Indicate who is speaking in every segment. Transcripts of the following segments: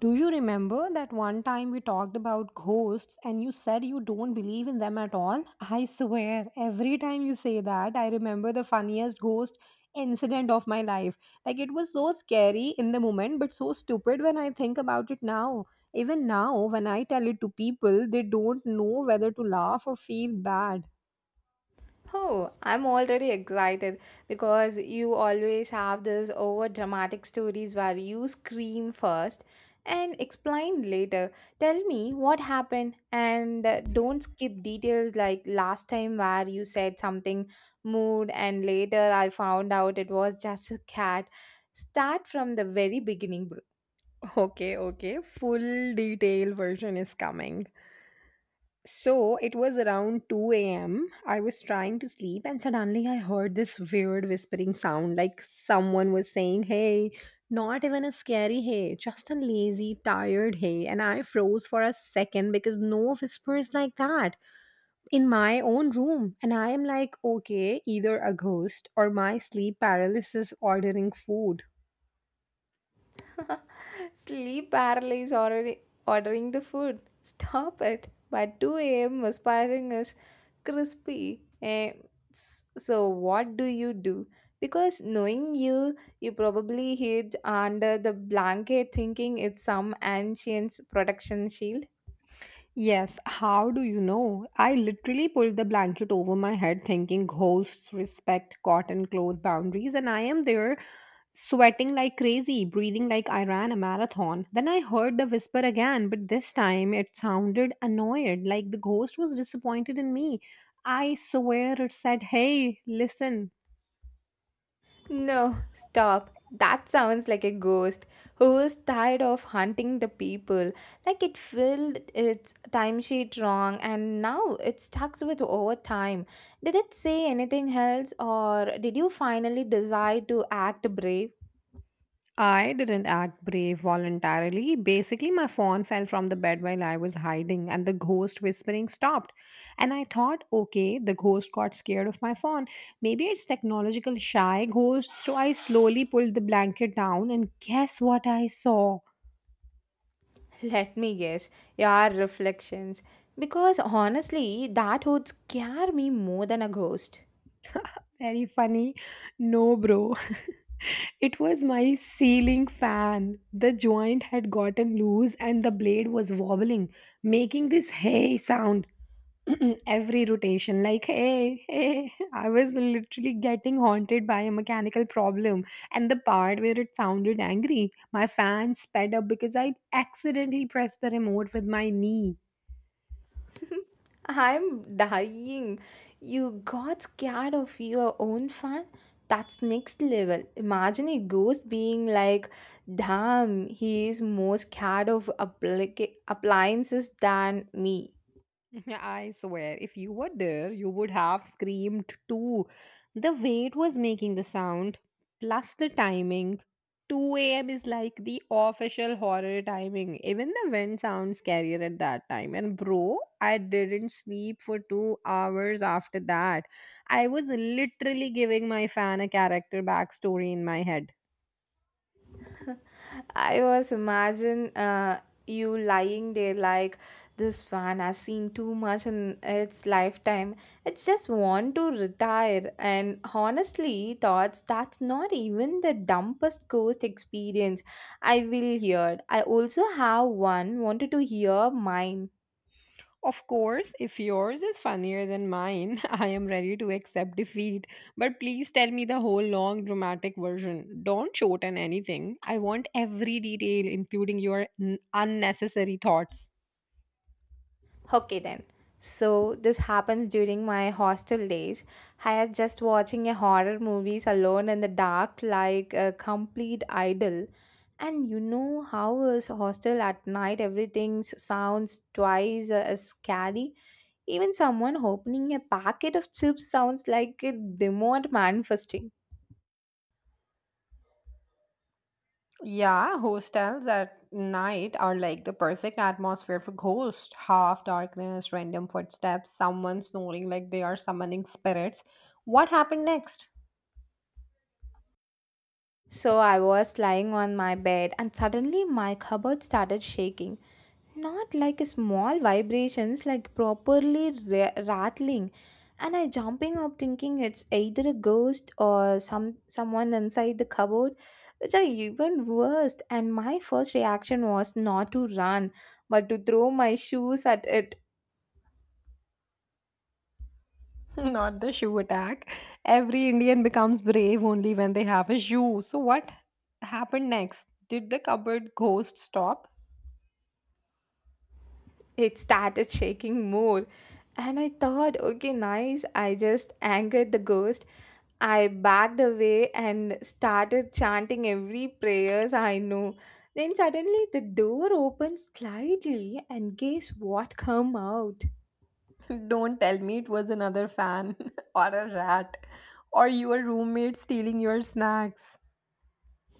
Speaker 1: Do you remember that one time we talked about ghosts and you said you don't believe in them at all? I swear, every time you say that, I remember the funniest ghost incident of my life. Like, it was so scary in the moment, but so stupid when I think about it now. Even now, when I tell it to people, they don't know whether to laugh or feel bad.
Speaker 2: Oh, I'm already excited because you always have this over dramatic stories where you scream first and explain later. Tell me what happened and don't skip details like last time where you said something mood and later I found out it was just a cat. Start from the very beginning, bro.
Speaker 1: Okay, okay, full detail version is coming. So it was around 2 a.m. I was trying to sleep, and suddenly I heard this weird whispering sound like someone was saying, Hey, not even a scary hey, just a lazy, tired hey. And I froze for a second because no whispers like that in my own room. And I am like, Okay, either a ghost or my sleep paralysis ordering food.
Speaker 2: Sleep paralysis already ordering the food. Stop it. By 2 a.m., aspiring is crispy. And so, what do you do? Because knowing you, you probably hid under the blanket thinking it's some ancient protection shield.
Speaker 1: Yes, how do you know? I literally pulled the blanket over my head thinking ghosts respect cotton cloth boundaries, and I am there sweating like crazy, breathing like I ran a marathon. Then I heard the whisper again, but this time it sounded annoyed, like the ghost was disappointed in me. I swear it said, Hey, listen,
Speaker 2: No, stop. That sounds like a ghost who was tired of hunting the people. Like it filled its timesheet wrong and now it's stuck with overtime. Did it say anything else or did you finally decide to act brave?
Speaker 1: I didn't act brave voluntarily. Basically, my phone fell from the bed while I was hiding, and the ghost whispering stopped. And I thought, okay, the ghost got scared of my phone. Maybe it's technological shy ghost. So I slowly pulled the blanket down, and guess what I saw?
Speaker 2: Let me guess. Your reflections. Because honestly, that would scare me more than a ghost.
Speaker 1: Very funny. No, bro. It was my ceiling fan. The joint had gotten loose, and the blade was wobbling, making this hey sound. Every rotation like hey hey. I was literally getting haunted by a mechanical problem. And the part where it sounded angry, my fan sped up because I accidentally pressed the remote with my knee.
Speaker 2: I'm dying. You got scared of your own fan? That's next level. Imagine a ghost being like, damn, he is more scared of appliances than me.
Speaker 1: I swear, if you were there, you would have screamed too. The way it was making the sound, plus the timing. 2 a.m. is like the official horror timing. Even the wind sounds scarier at that time. And bro, I didn't sleep for 2 hours after that. I was literally giving my fan a character backstory in my head.
Speaker 2: I was imagine you lying there like this fan has seen too much in its lifetime. It's just want to retire. And honestly, thoughts that's not even the dumbest ghost experience I will hear. I also have one wanted to hear mine.
Speaker 1: Of course, if yours is funnier than mine, I am ready to accept defeat. But please tell me the whole long dramatic version. Don't shorten anything. I want every detail, including your unnecessary thoughts.
Speaker 2: Okay then. So this happens during my hostel days. I was just watching a horror movies alone in the dark like a complete idol. And you know how is hostel at night everything sounds twice as scary. Even someone opening a packet of chips sounds like a demon manifesting.
Speaker 1: Yeah, hostels at night are like the perfect atmosphere for ghosts. Half darkness, random footsteps, someone snoring like they are summoning spirits. What happened next?
Speaker 2: So I was lying on my bed and suddenly my cupboard started shaking, not like a small vibrations, like properly rattling. And I jumping up thinking it's either a ghost or someone inside the cupboard, which are even worse. And my first reaction was not to run but to throw my shoes at it.
Speaker 1: Not the shoe attack. Every Indian becomes brave only when they have a shoe. So, what happened next? Did the cupboard ghost stop?
Speaker 2: It started shaking more. And I thought, okay, nice. I just angered the ghost. I backed away and started chanting every prayers I know. Then suddenly the door opened slightly and guess what come out?
Speaker 1: Don't tell me it was another fan, or a rat or your roommate stealing your snacks.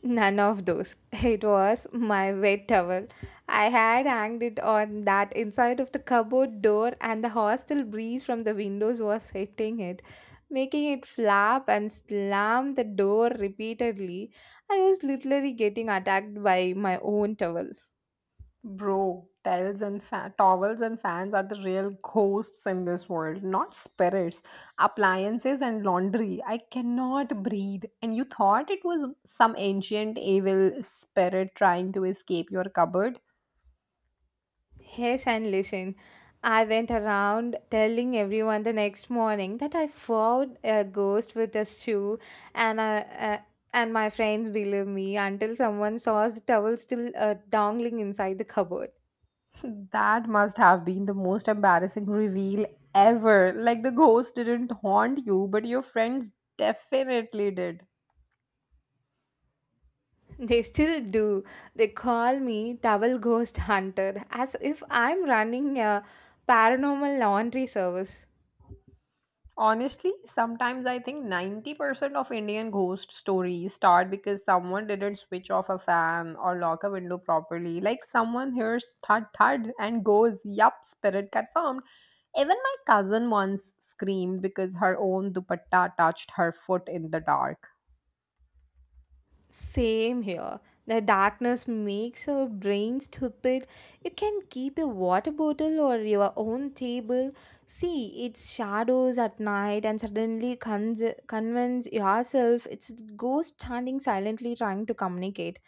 Speaker 2: None of those. It was my wet towel. I had hanged it on that inside of the cupboard door, and the hostile breeze from the windows was hitting it, making it flap and slam the door repeatedly. I was literally getting attacked by my own towel.
Speaker 1: Bro, towels and towels and fans are the real ghosts in this world, not spirits. Appliances and laundry. I cannot breathe. And you thought it was some ancient evil spirit trying to escape your cupboard?
Speaker 2: Yes, and listen, I went around telling everyone the next morning that I found a ghost with a shoe, and I, uh, and my friends believed me until someone saw the towel still dangling inside the cupboard.
Speaker 1: That must have been the most embarrassing reveal ever. Like the ghost didn't haunt you, but your friends definitely did.
Speaker 2: They still do. They call me Towel Ghost Hunter as if I'm running a paranormal laundry service.
Speaker 1: Honestly, sometimes I think 90% of Indian ghost stories start because someone didn't switch off a fan or lock a window properly. Like someone hears thud thud and goes, Yup, spirit confirmed. Even my cousin once screamed because her own dupatta touched her foot in the dark.
Speaker 2: Same here. The darkness makes our brain stupid. You can keep a water bottle or your own table. See its shadows at night and suddenly convince yourself it's a ghost standing silently trying to communicate.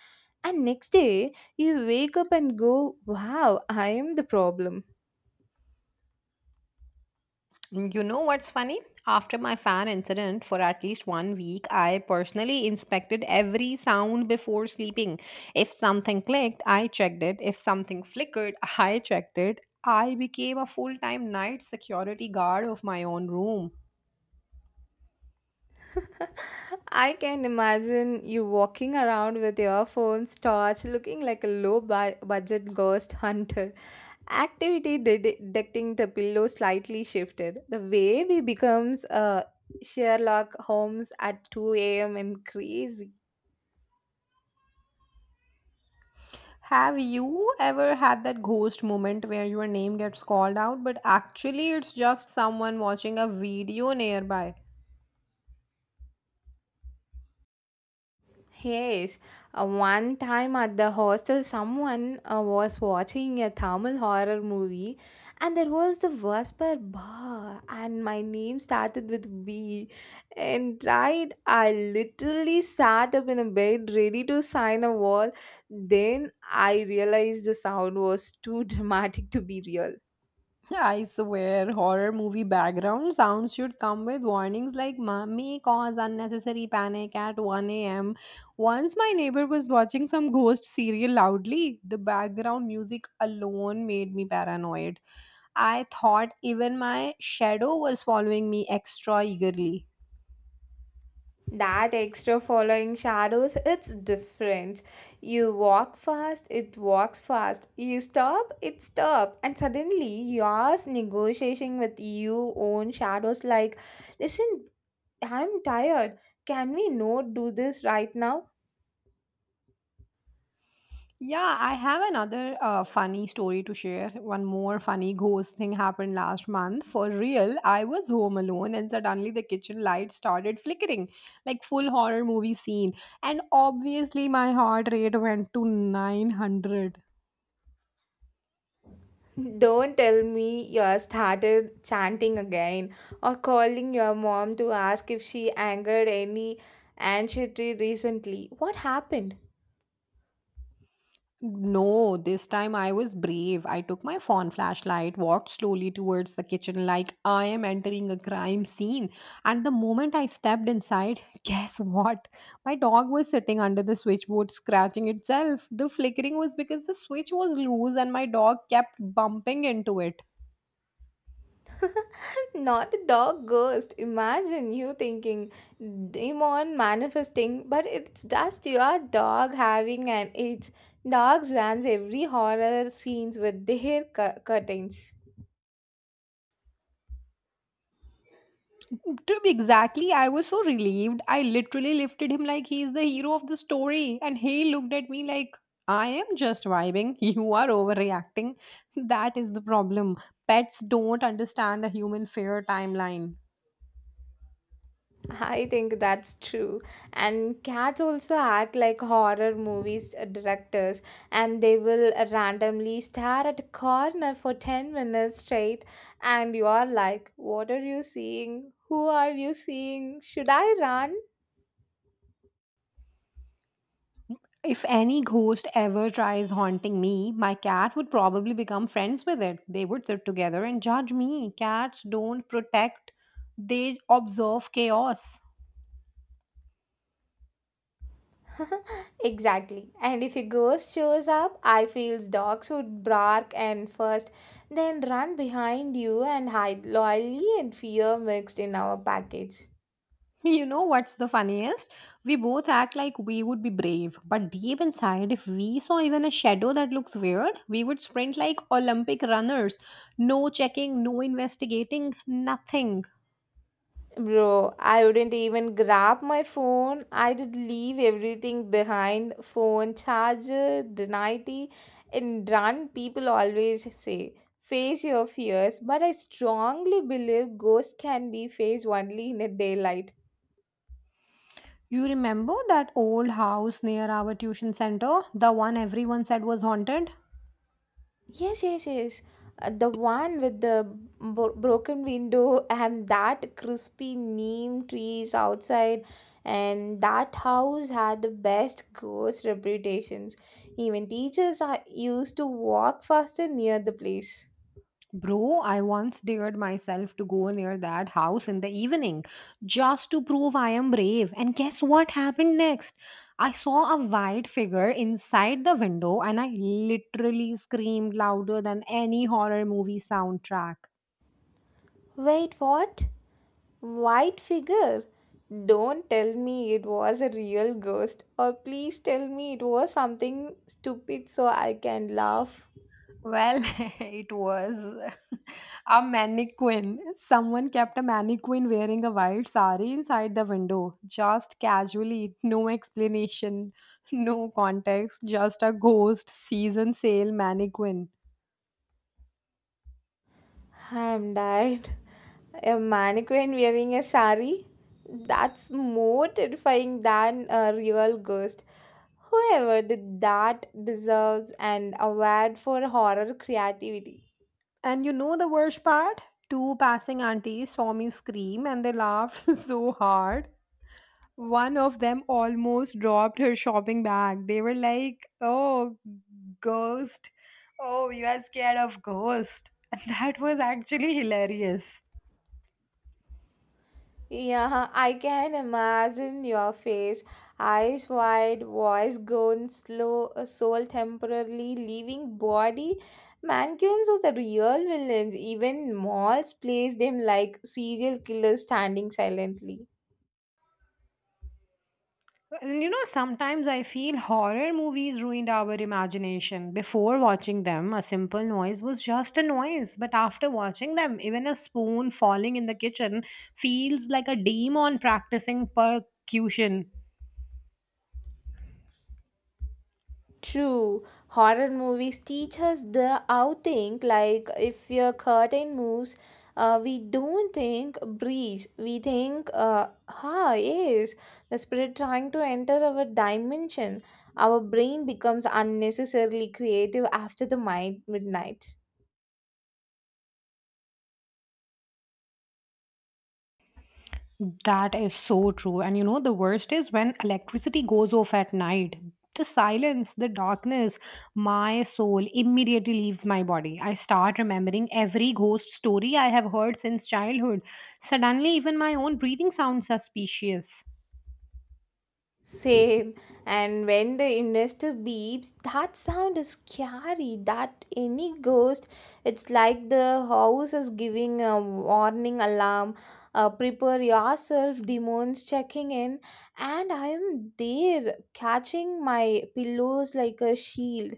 Speaker 2: And next day, you wake up and go, Wow, I am the problem.
Speaker 1: You know what's funny? After my fan incident, for at least 1 week, I personally inspected every sound before sleeping. If something clicked, I checked it. If something flickered, I checked it. I became a full time night security guard of my own room.
Speaker 2: I can imagine you walking around with your phone torch looking like a low budget ghost hunter. Activity detecting the pillow slightly shifted. The way we becomes Sherlock Holmes at 2 a.m. and crazy.
Speaker 1: Have you ever had that ghost moment where your name gets called out, but actually it's just someone watching a video nearby?
Speaker 2: Yes, one time at the hostel, someone was watching a Tamil horror movie, and there was the whisper "ba," and my name started with B. And right, I literally sat up in a bed ready to sign a wall. Then I realized the sound was too dramatic to be real.
Speaker 1: Yeah, I swear, horror movie background sounds should come with warnings like May cause unnecessary panic at 1 a.m." Once my neighbor was watching some ghost serial loudly. The background music alone made me paranoid. I thought even my shadow was following me extra eagerly.
Speaker 2: That extra following shadows, it's different. You walk fast, it walks fast, you stop, it stops. And suddenly yours negotiating with your own shadows like, listen, I'm tired, can we not do this right now?
Speaker 1: Yeah, I have another funny story to share. One more funny ghost thing happened last month. For real, I was home alone and suddenly the kitchen light started flickering, like full horror movie scene. And obviously, my heart rate went to 900.
Speaker 2: Don't tell me you are started chanting again or calling your mom to ask if she angered any ancestry recently. What happened?
Speaker 1: No, this time I was brave. I took my phone flashlight, walked slowly towards the kitchen like I am entering a crime scene. And the moment I stepped inside, guess what? My dog was sitting under the switchboard scratching itself. The flickering was because the switch was loose and my dog kept bumping into it.
Speaker 2: Not the dog ghost. Imagine you thinking demon manifesting, but it's just your dog having an itch. Dogs runs every horror scenes with their curtains.
Speaker 1: To be exactly, I was so relieved. I literally lifted him like he is the hero of the story, and he looked at me like, I am just vibing. You are overreacting. That is the problem. Pets don't understand the human fear timeline.
Speaker 2: I think that's true. And cats also act like horror movies directors and they will randomly stare at a corner for 10 minutes straight and you are like, What are you seeing? Who are you seeing? Should I run?
Speaker 1: If any ghost ever tries haunting me, my cat would probably become friends with it. They would sit together and judge me. Cats don't protect, they observe chaos.
Speaker 2: Exactly. And if a ghost shows up, I feels dogs would bark and first, then run behind you and hide loyally and fear mixed in our package.
Speaker 1: You know what's the funniest? We both act like we would be brave, but deep inside, if we saw even a shadow that looks weird, we would sprint like Olympic runners. No checking, no investigating, nothing.
Speaker 2: Bro, I wouldn't even grab my phone. I did leave everything behind phone charger, deniety, and run. People always say, face your fears, but I strongly believe ghosts can be faced only in a daylight.
Speaker 1: You remember that old house near our tuition center? The one everyone said was haunted?
Speaker 2: Yes, yes, yes. The one with the broken window and that crispy neem trees outside, and that house had the best ghost reputations. Even teachers are used to walk faster near the place.
Speaker 1: Bro, I once dared myself to go near that house in the evening just to prove I am brave. And guess what happened next? I saw a white figure inside the window and I literally screamed louder than any horror movie soundtrack.
Speaker 2: Wait, what? White figure? Don't tell me it was a real ghost, or please tell me it was something stupid so I can laugh.
Speaker 1: Well, it was a mannequin. Someone kept a mannequin wearing a white sari inside the window, just casually, no explanation, no context, just a ghost season sale mannequin.
Speaker 2: I'm died. A mannequin wearing a sari? That's more terrifying than a real ghost. Whoever did that deserves an award for horror creativity.
Speaker 1: And you know the worst part? Two passing aunties saw me scream and they laughed so hard. One of them almost dropped her shopping bag. They were like, "Oh, ghost. Oh, you are scared of ghost." And that was actually hilarious.
Speaker 2: Yeah, I can imagine your face, eyes wide, voice gone slow, soul temporarily leaving body. Mannequins are the real villains. Even malls place them like serial killers standing silently.
Speaker 1: And you know, sometimes I feel horror movies ruined our imagination. Before watching them, a simple noise was just a noise, but after watching them, even a spoon falling in the kitchen feels like a demon practicing percussion.
Speaker 2: True, horror movies teach us the outthink. Like if your curtain moves, we don't think breeze. We think, yes, the spirit trying to enter our dimension. Our brain becomes unnecessarily creative after the mind midnight.
Speaker 1: That is so true. And you know, the worst is when electricity goes off at night. The silence, the darkness, my soul immediately leaves my body. I start remembering every ghost story I have heard since childhood. Suddenly, even my own breathing sounds suspicious.
Speaker 2: Same. And when the investor beeps, that sound is scary. That any ghost, it's like the house is giving a warning alarm. Prepare yourself, demons checking in. And I am there, catching my pillows like a shield.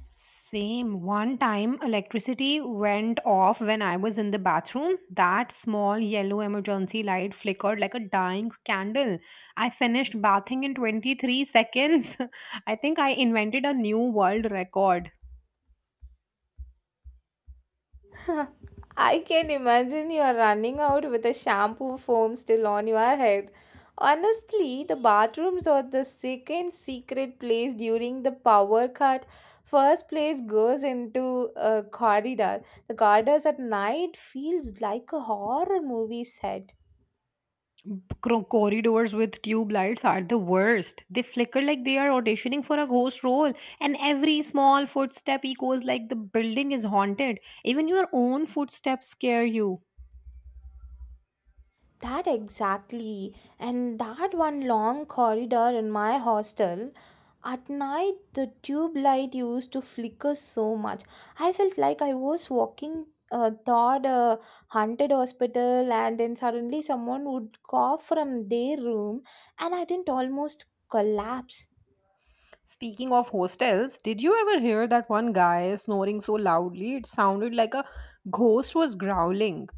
Speaker 1: Same. One time electricity went off when I was in the bathroom. That small yellow emergency light flickered like a dying candle. I finished bathing in 23 seconds. I think I invented a new world record.
Speaker 2: I can imagine you are running out with a shampoo foam still on your head. Honestly, the bathrooms are the second secret place during the power cut. First place goes into a corridor. The corridors at night feels like a horror movie set.
Speaker 1: Corridors with tube lights are the worst. They flicker like they are auditioning for a ghost role, and every small footstep echoes like the building is haunted. Even your own footsteps scare you.
Speaker 2: That exactly. And that one long corridor in my hostel, at night the tube light used to flicker so much. I felt like I was walking toward a haunted hospital, and then suddenly someone would cough from their room, and I didn't almost collapse.
Speaker 1: Speaking of hostels, did you ever hear that one guy snoring so loudly it sounded like a ghost was growling?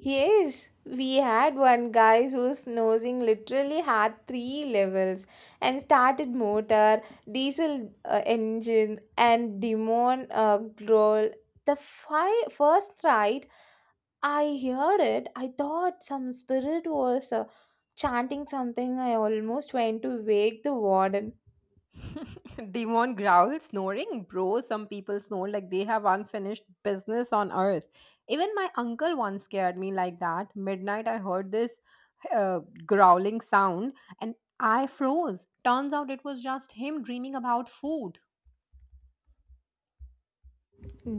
Speaker 2: Yes, we had one guy whose nosing literally had three levels and started motor, diesel engine, and demon growl. The first ride I heard it, I thought some spirit was chanting something. I almost went to wake the warden.
Speaker 1: Demon growl snoring? Bro, some people snore like they have unfinished business on earth. Even my uncle once scared me like that. Midnight, I heard this uh, growling sound and I froze. Turns out it was just him dreaming about food.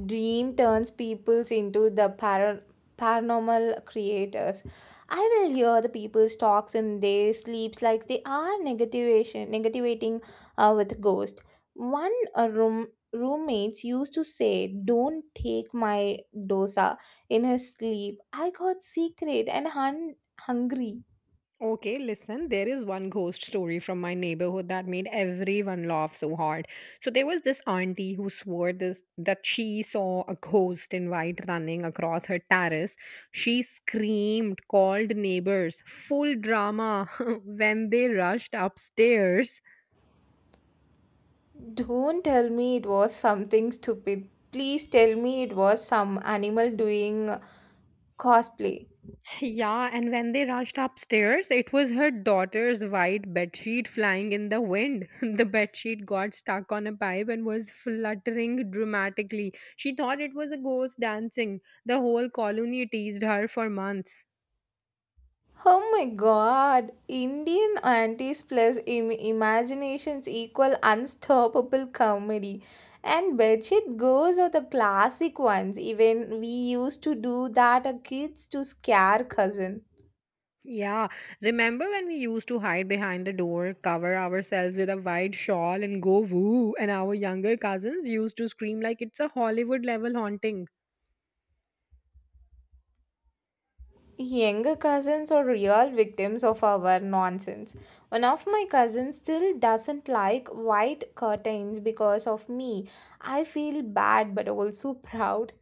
Speaker 2: Dream turns peoples into the paranormal creators. I will hear the people's talks in their sleeps like they are negativating with ghost. One roommates used to say, "Don't take my dosa in his sleep." I got secret and hungry.
Speaker 1: Okay, listen, there is one ghost story from my neighborhood that made everyone laugh so hard. So there was this auntie who swore this that she saw a ghost in white running across her terrace. She screamed, called neighbors, full drama when they rushed upstairs.
Speaker 2: Don't tell me it was something stupid. Please tell me it was some animal doing cosplay.
Speaker 1: Yeah, and when they rushed upstairs, it was her daughter's white bedsheet flying in the wind. The bedsheet got stuck on a pipe and was fluttering dramatically. She thought it was a ghost dancing. The whole colony teased her for months.
Speaker 2: Oh my god, Indian aunties plus imaginations equal unstoppable comedy. And bedsheet goes are the classic ones. Even we used to do that as kids to scare cousin.
Speaker 1: Yeah, remember when we used to hide behind the door, cover ourselves with a white shawl, and go woo? And our younger cousins used to scream like it's a Hollywood level haunting.
Speaker 2: Younger cousins are real victims of our nonsense. One of my cousins still doesn't like white curtains because of me. I feel bad but also proud.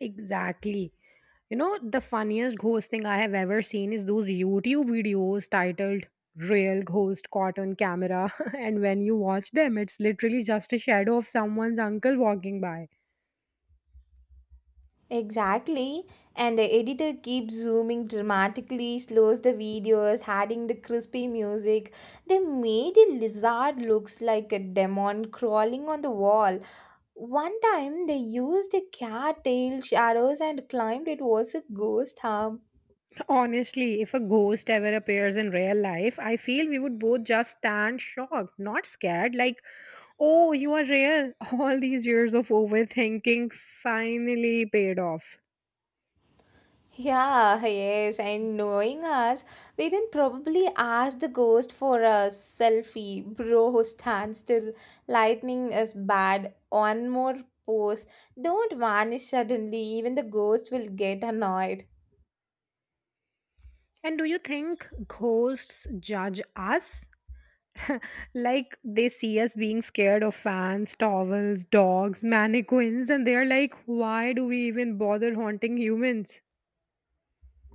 Speaker 1: Exactly. You know, the funniest ghosting I have ever seen is those YouTube videos titled Real Ghost Caught on Camera. And when you watch them, it's literally just a shadow of someone's uncle walking by.
Speaker 2: Exactly. And the editor keeps zooming dramatically, slows the videos, adding the crispy music. They made a lizard looks like a demon crawling on the wall. One time they used a cat tail shadows and climbed it was a ghost arm.
Speaker 1: Honestly, if a ghost ever appears in real life, I feel we would both just stand shocked, not scared. Like, Oh, you are real. All these years of overthinking finally paid off.
Speaker 2: Yeah, yes, and knowing us, we didn't probably ask the ghost for a selfie. Bro, stand still. Lightning is bad. One more pose. Don't vanish suddenly. Even the ghost will get annoyed.
Speaker 1: And do you think ghosts judge us? Like they see us being scared of fans, towels, dogs, mannequins, and they're like, why do we even bother haunting humans?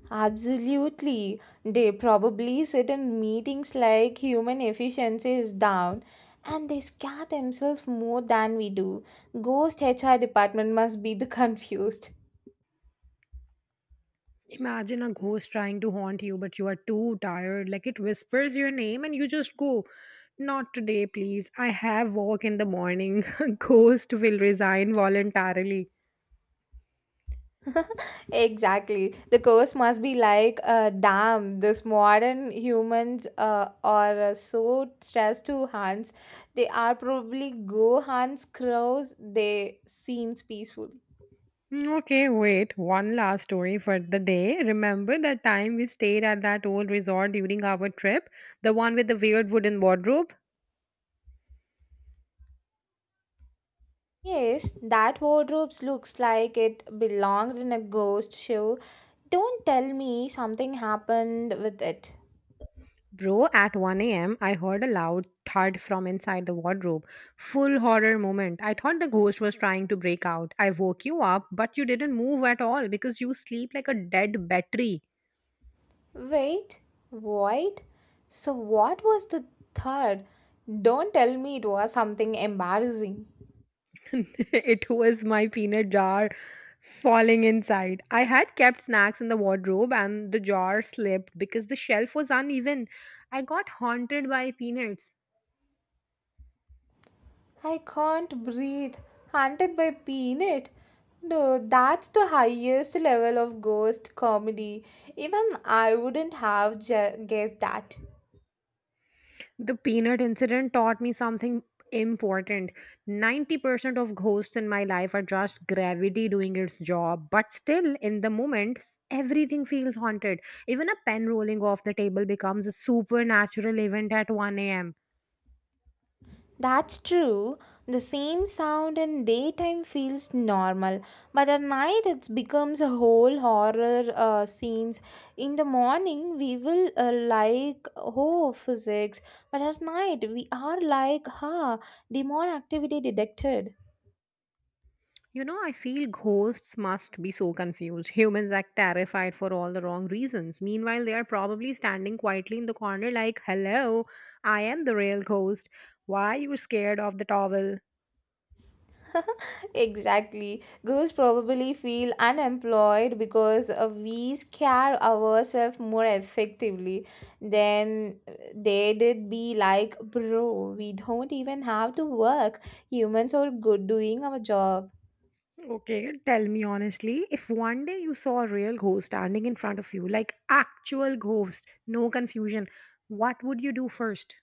Speaker 2: Absolutely. They probably sit in meetings like human efficiency is down and they scare themselves more than we do. Ghost HR department must be the confused.
Speaker 1: Imagine a ghost trying to haunt you, but you are too tired. Like it whispers your name and you just go, Not today, please. I have work in the morning. Ghost will resign voluntarily.
Speaker 2: Exactly. The curse must be like, damn, this modern humans are so stressed to Hans. They are probably go Hans crows. They seems peaceful.
Speaker 1: "Mm, okay, wait. One last story for the day. Remember that time we stayed at that old resort during our trip? The one with the weird wooden wardrobe?
Speaker 2: Yes, that wardrobe looks like it belonged in a ghost show. Don't tell me something happened with it.
Speaker 1: Bro, at 1 a.m., I heard a loud thud from inside the wardrobe. Full horror moment. I thought the ghost was trying to break out. I woke you up, but you didn't move at all because you sleep like a dead battery.
Speaker 2: Wait, what? So what was the third? Don't tell me it was something embarrassing.
Speaker 1: It was my peanut jar falling inside. I had kept snacks in the wardrobe and the jar slipped because the shelf was uneven. I got haunted by peanuts.
Speaker 2: I can't breathe, haunted by Peanut. No, that's the highest level of ghost comedy. Even I wouldn't have guessed that.
Speaker 1: The peanut incident taught me something important. 90% of ghosts in my life are just gravity doing its job, but still, in the moment, everything feels haunted. Even a pen rolling off the table becomes a supernatural event at 1 a.m.
Speaker 2: That's true. The same sound in daytime feels normal, but at night it becomes a whole horror scenes. In the morning, we will like oh physics, but at night we are like ha demon activity detected.
Speaker 1: You know, I feel ghosts must be so confused. Humans act terrified for all the wrong reasons. Meanwhile, they are probably standing quietly in the corner, like, hello, I am the real ghost. Why you scared of the towel?
Speaker 2: Exactly. Girls probably feel unemployed because we scare ourselves more effectively than they did be like, bro, we don't even have to work. Humans are good doing our job.
Speaker 1: Okay, tell me honestly, if one day you saw a real ghost standing in front of you, like actual ghost, no confusion, what would you do first?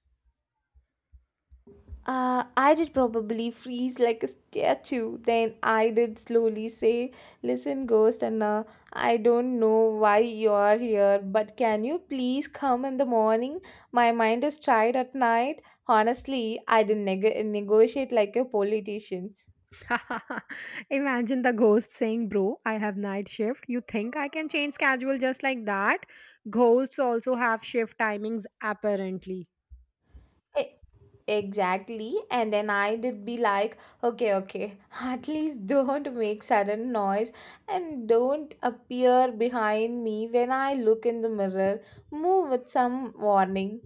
Speaker 2: I did probably freeze like a statue. Then I did slowly say, Listen, ghost, and I don't know why you're here, but can you please come in the morning? My mind is tired at night. Honestly, I didn't negotiate like a politician.
Speaker 1: Imagine the ghost saying, bro, I have night shift. You think I can change schedule just like that? Ghosts also have shift timings, apparently.
Speaker 2: Exactly. And then I did be like, okay, okay, at least don't make sudden noise and don't appear behind me when I look in the mirror. Move with some warning.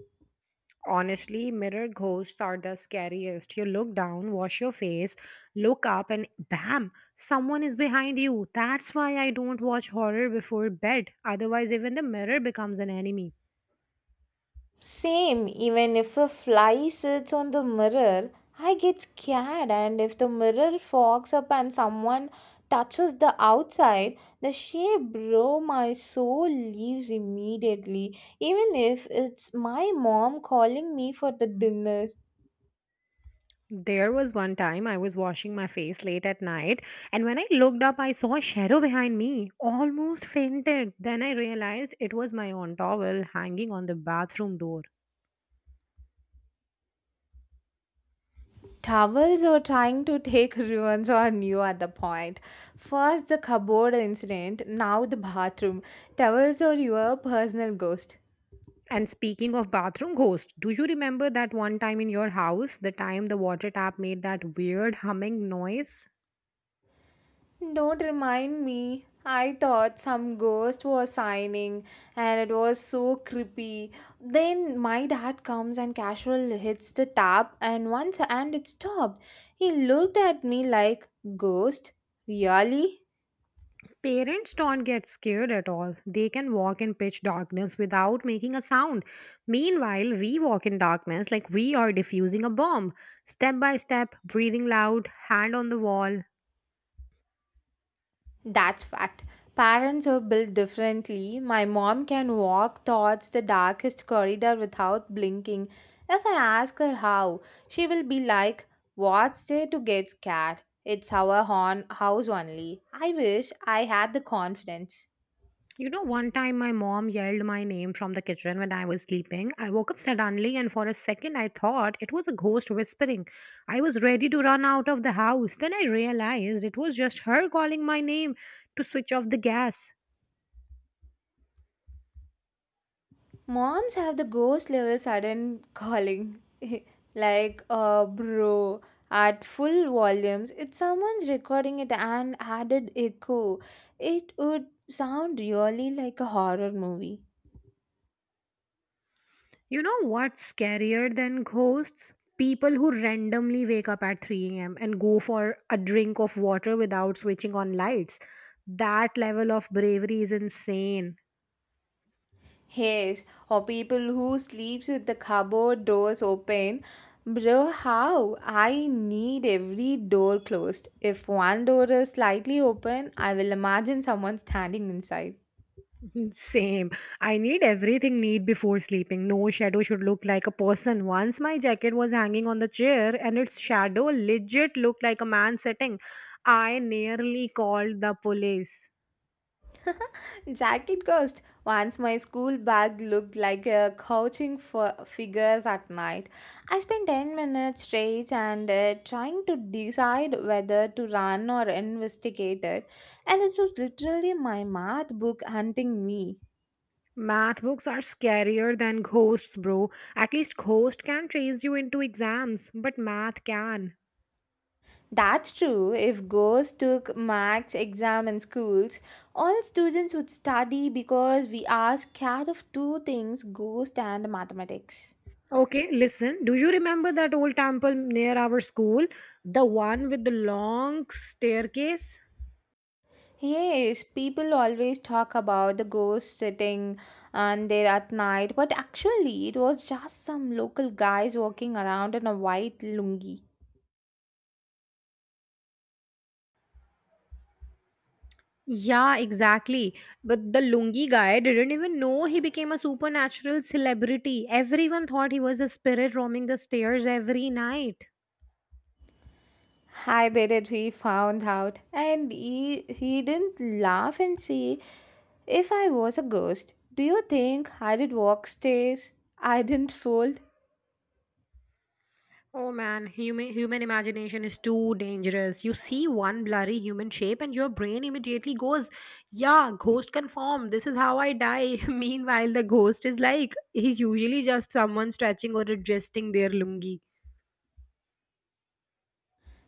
Speaker 1: Honestly, mirror ghosts are the scariest. You look down, wash your face, look up, and bam, someone is behind you. That's why I don't watch horror before bed. Otherwise, even the mirror becomes an enemy.
Speaker 2: Same, even if a fly sits on the mirror, I get scared, and if the mirror fogs up and someone touches the outside, the shape, bro, my soul leaves immediately, even if it's my mom calling me for the dinner.
Speaker 1: There was one time I was washing my face late at night, and when I looked up, I saw a shadow behind me, almost fainted. Then I realized it was my own towel hanging on the bathroom door.
Speaker 2: Towels are trying to take ruins on you at the point. First, the cupboard incident, now, the bathroom. Towels are your personal ghost.
Speaker 1: And speaking of bathroom ghost, do you remember that one time in your house, the time the water tap made that weird humming noise?
Speaker 2: Don't remind me. I thought some ghost was signing and it was so creepy. Then my dad comes and casual hits the tap and once and it stopped. He looked at me like ghost? Really?
Speaker 1: Parents don't get scared at all. They can walk in pitch darkness without making a sound. Meanwhile, we walk in darkness like we are diffusing a bomb. Step by step, breathing loud, hand on the wall.
Speaker 2: That's fact. Parents are built differently. My mom can walk towards the darkest corridor without blinking. If I ask her how, she will be like, What's there to get scared? It's our house only. I wish I had the confidence.
Speaker 1: You know, one time my mom yelled my name from the kitchen when I was sleeping. I woke up suddenly, and for a second I thought it was a ghost whispering. I was ready to run out of the house. Then I realized it was just her calling my name to switch off the gas.
Speaker 2: Moms have the ghost level sudden calling, like, bro, at full volumes. If someone's recording it and added echo, it would sound really like a horror movie.
Speaker 1: You know what's scarier than ghosts? People who randomly wake up at 3 a.m. and go for a drink of water without switching on lights. That level of bravery is insane.
Speaker 2: Yes, or people who sleeps with the cupboard doors open. Bro, how? I need every door closed. If one door is slightly open, I will imagine someone standing inside.
Speaker 1: Same. I need everything neat before sleeping. No shadow should look like a person. Once my jacket was hanging on the chair and its shadow legit looked like a man sitting. I nearly called the police.
Speaker 2: Jacket Ghost. Once my school bag looked like a couching for figures at night. I spent 10 minutes straight and trying to decide whether to run or investigate it, and it was literally my math book hunting me.
Speaker 1: Math books are scarier than ghosts, bro. At least ghost can trace you into exams, but math can.
Speaker 2: That's true. If ghosts took max exam in schools, all students would study because we are scared of two things, ghost and mathematics.
Speaker 1: Okay, listen. Do you remember that old temple near our school? The one with the long staircase?
Speaker 2: Yes, people always talk about the ghost sitting and there at night, but actually it was just some local guys walking around in a white lungi.
Speaker 1: Yeah, exactly. But the Lungi guy didn't even know he became a supernatural celebrity. Everyone thought he was a spirit roaming the stairs every night.
Speaker 2: I bet it he found out, and he didn't laugh and say, "If I was a ghost, do you think I did walk stairs? I didn't fold.
Speaker 1: Oh man, human imagination is too dangerous. You see one blurry human shape and your brain immediately goes, "Yeah, ghost confirmed. This is how I die." Meanwhile, the ghost is like he's usually just someone stretching or adjusting their lungi.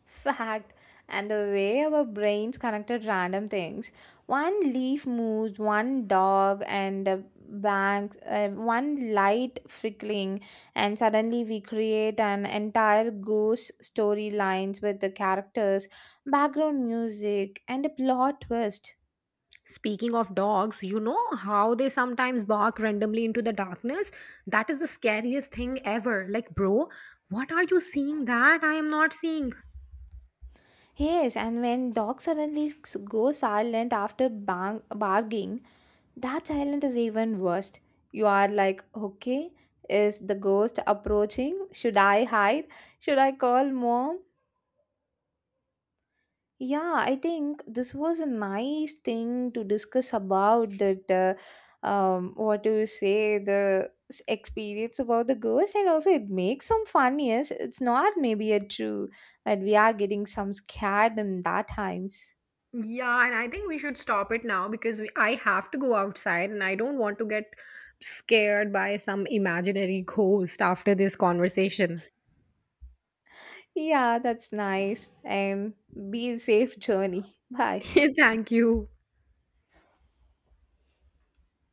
Speaker 2: Fact. And the way our brains connected random things, one leaf moves, one dog and a bank, one light flickering, and suddenly we create an entire ghost storylines with the characters, background music, and a plot twist.
Speaker 1: Speaking of dogs, you know how they sometimes bark randomly into the darkness? That is the scariest thing ever. Like, bro, what are you seeing that I am not seeing?
Speaker 2: Yes, and when dog suddenly go silent after barking. That silence is even worse. You are like, okay, is the ghost approaching? Should I hide? Should I call mom? Yeah, I think this was a nice thing to discuss about that. What do you say? The experience about the ghost, and also it makes some fun. Yes, it's not maybe a true, but we are getting some scared in that times.
Speaker 1: Yeah, and I think we should stop it now because I have to go outside and I don't want to get scared by some imaginary ghost after this conversation.
Speaker 2: Yeah, that's nice. And be safe journey. Bye.
Speaker 1: Thank you.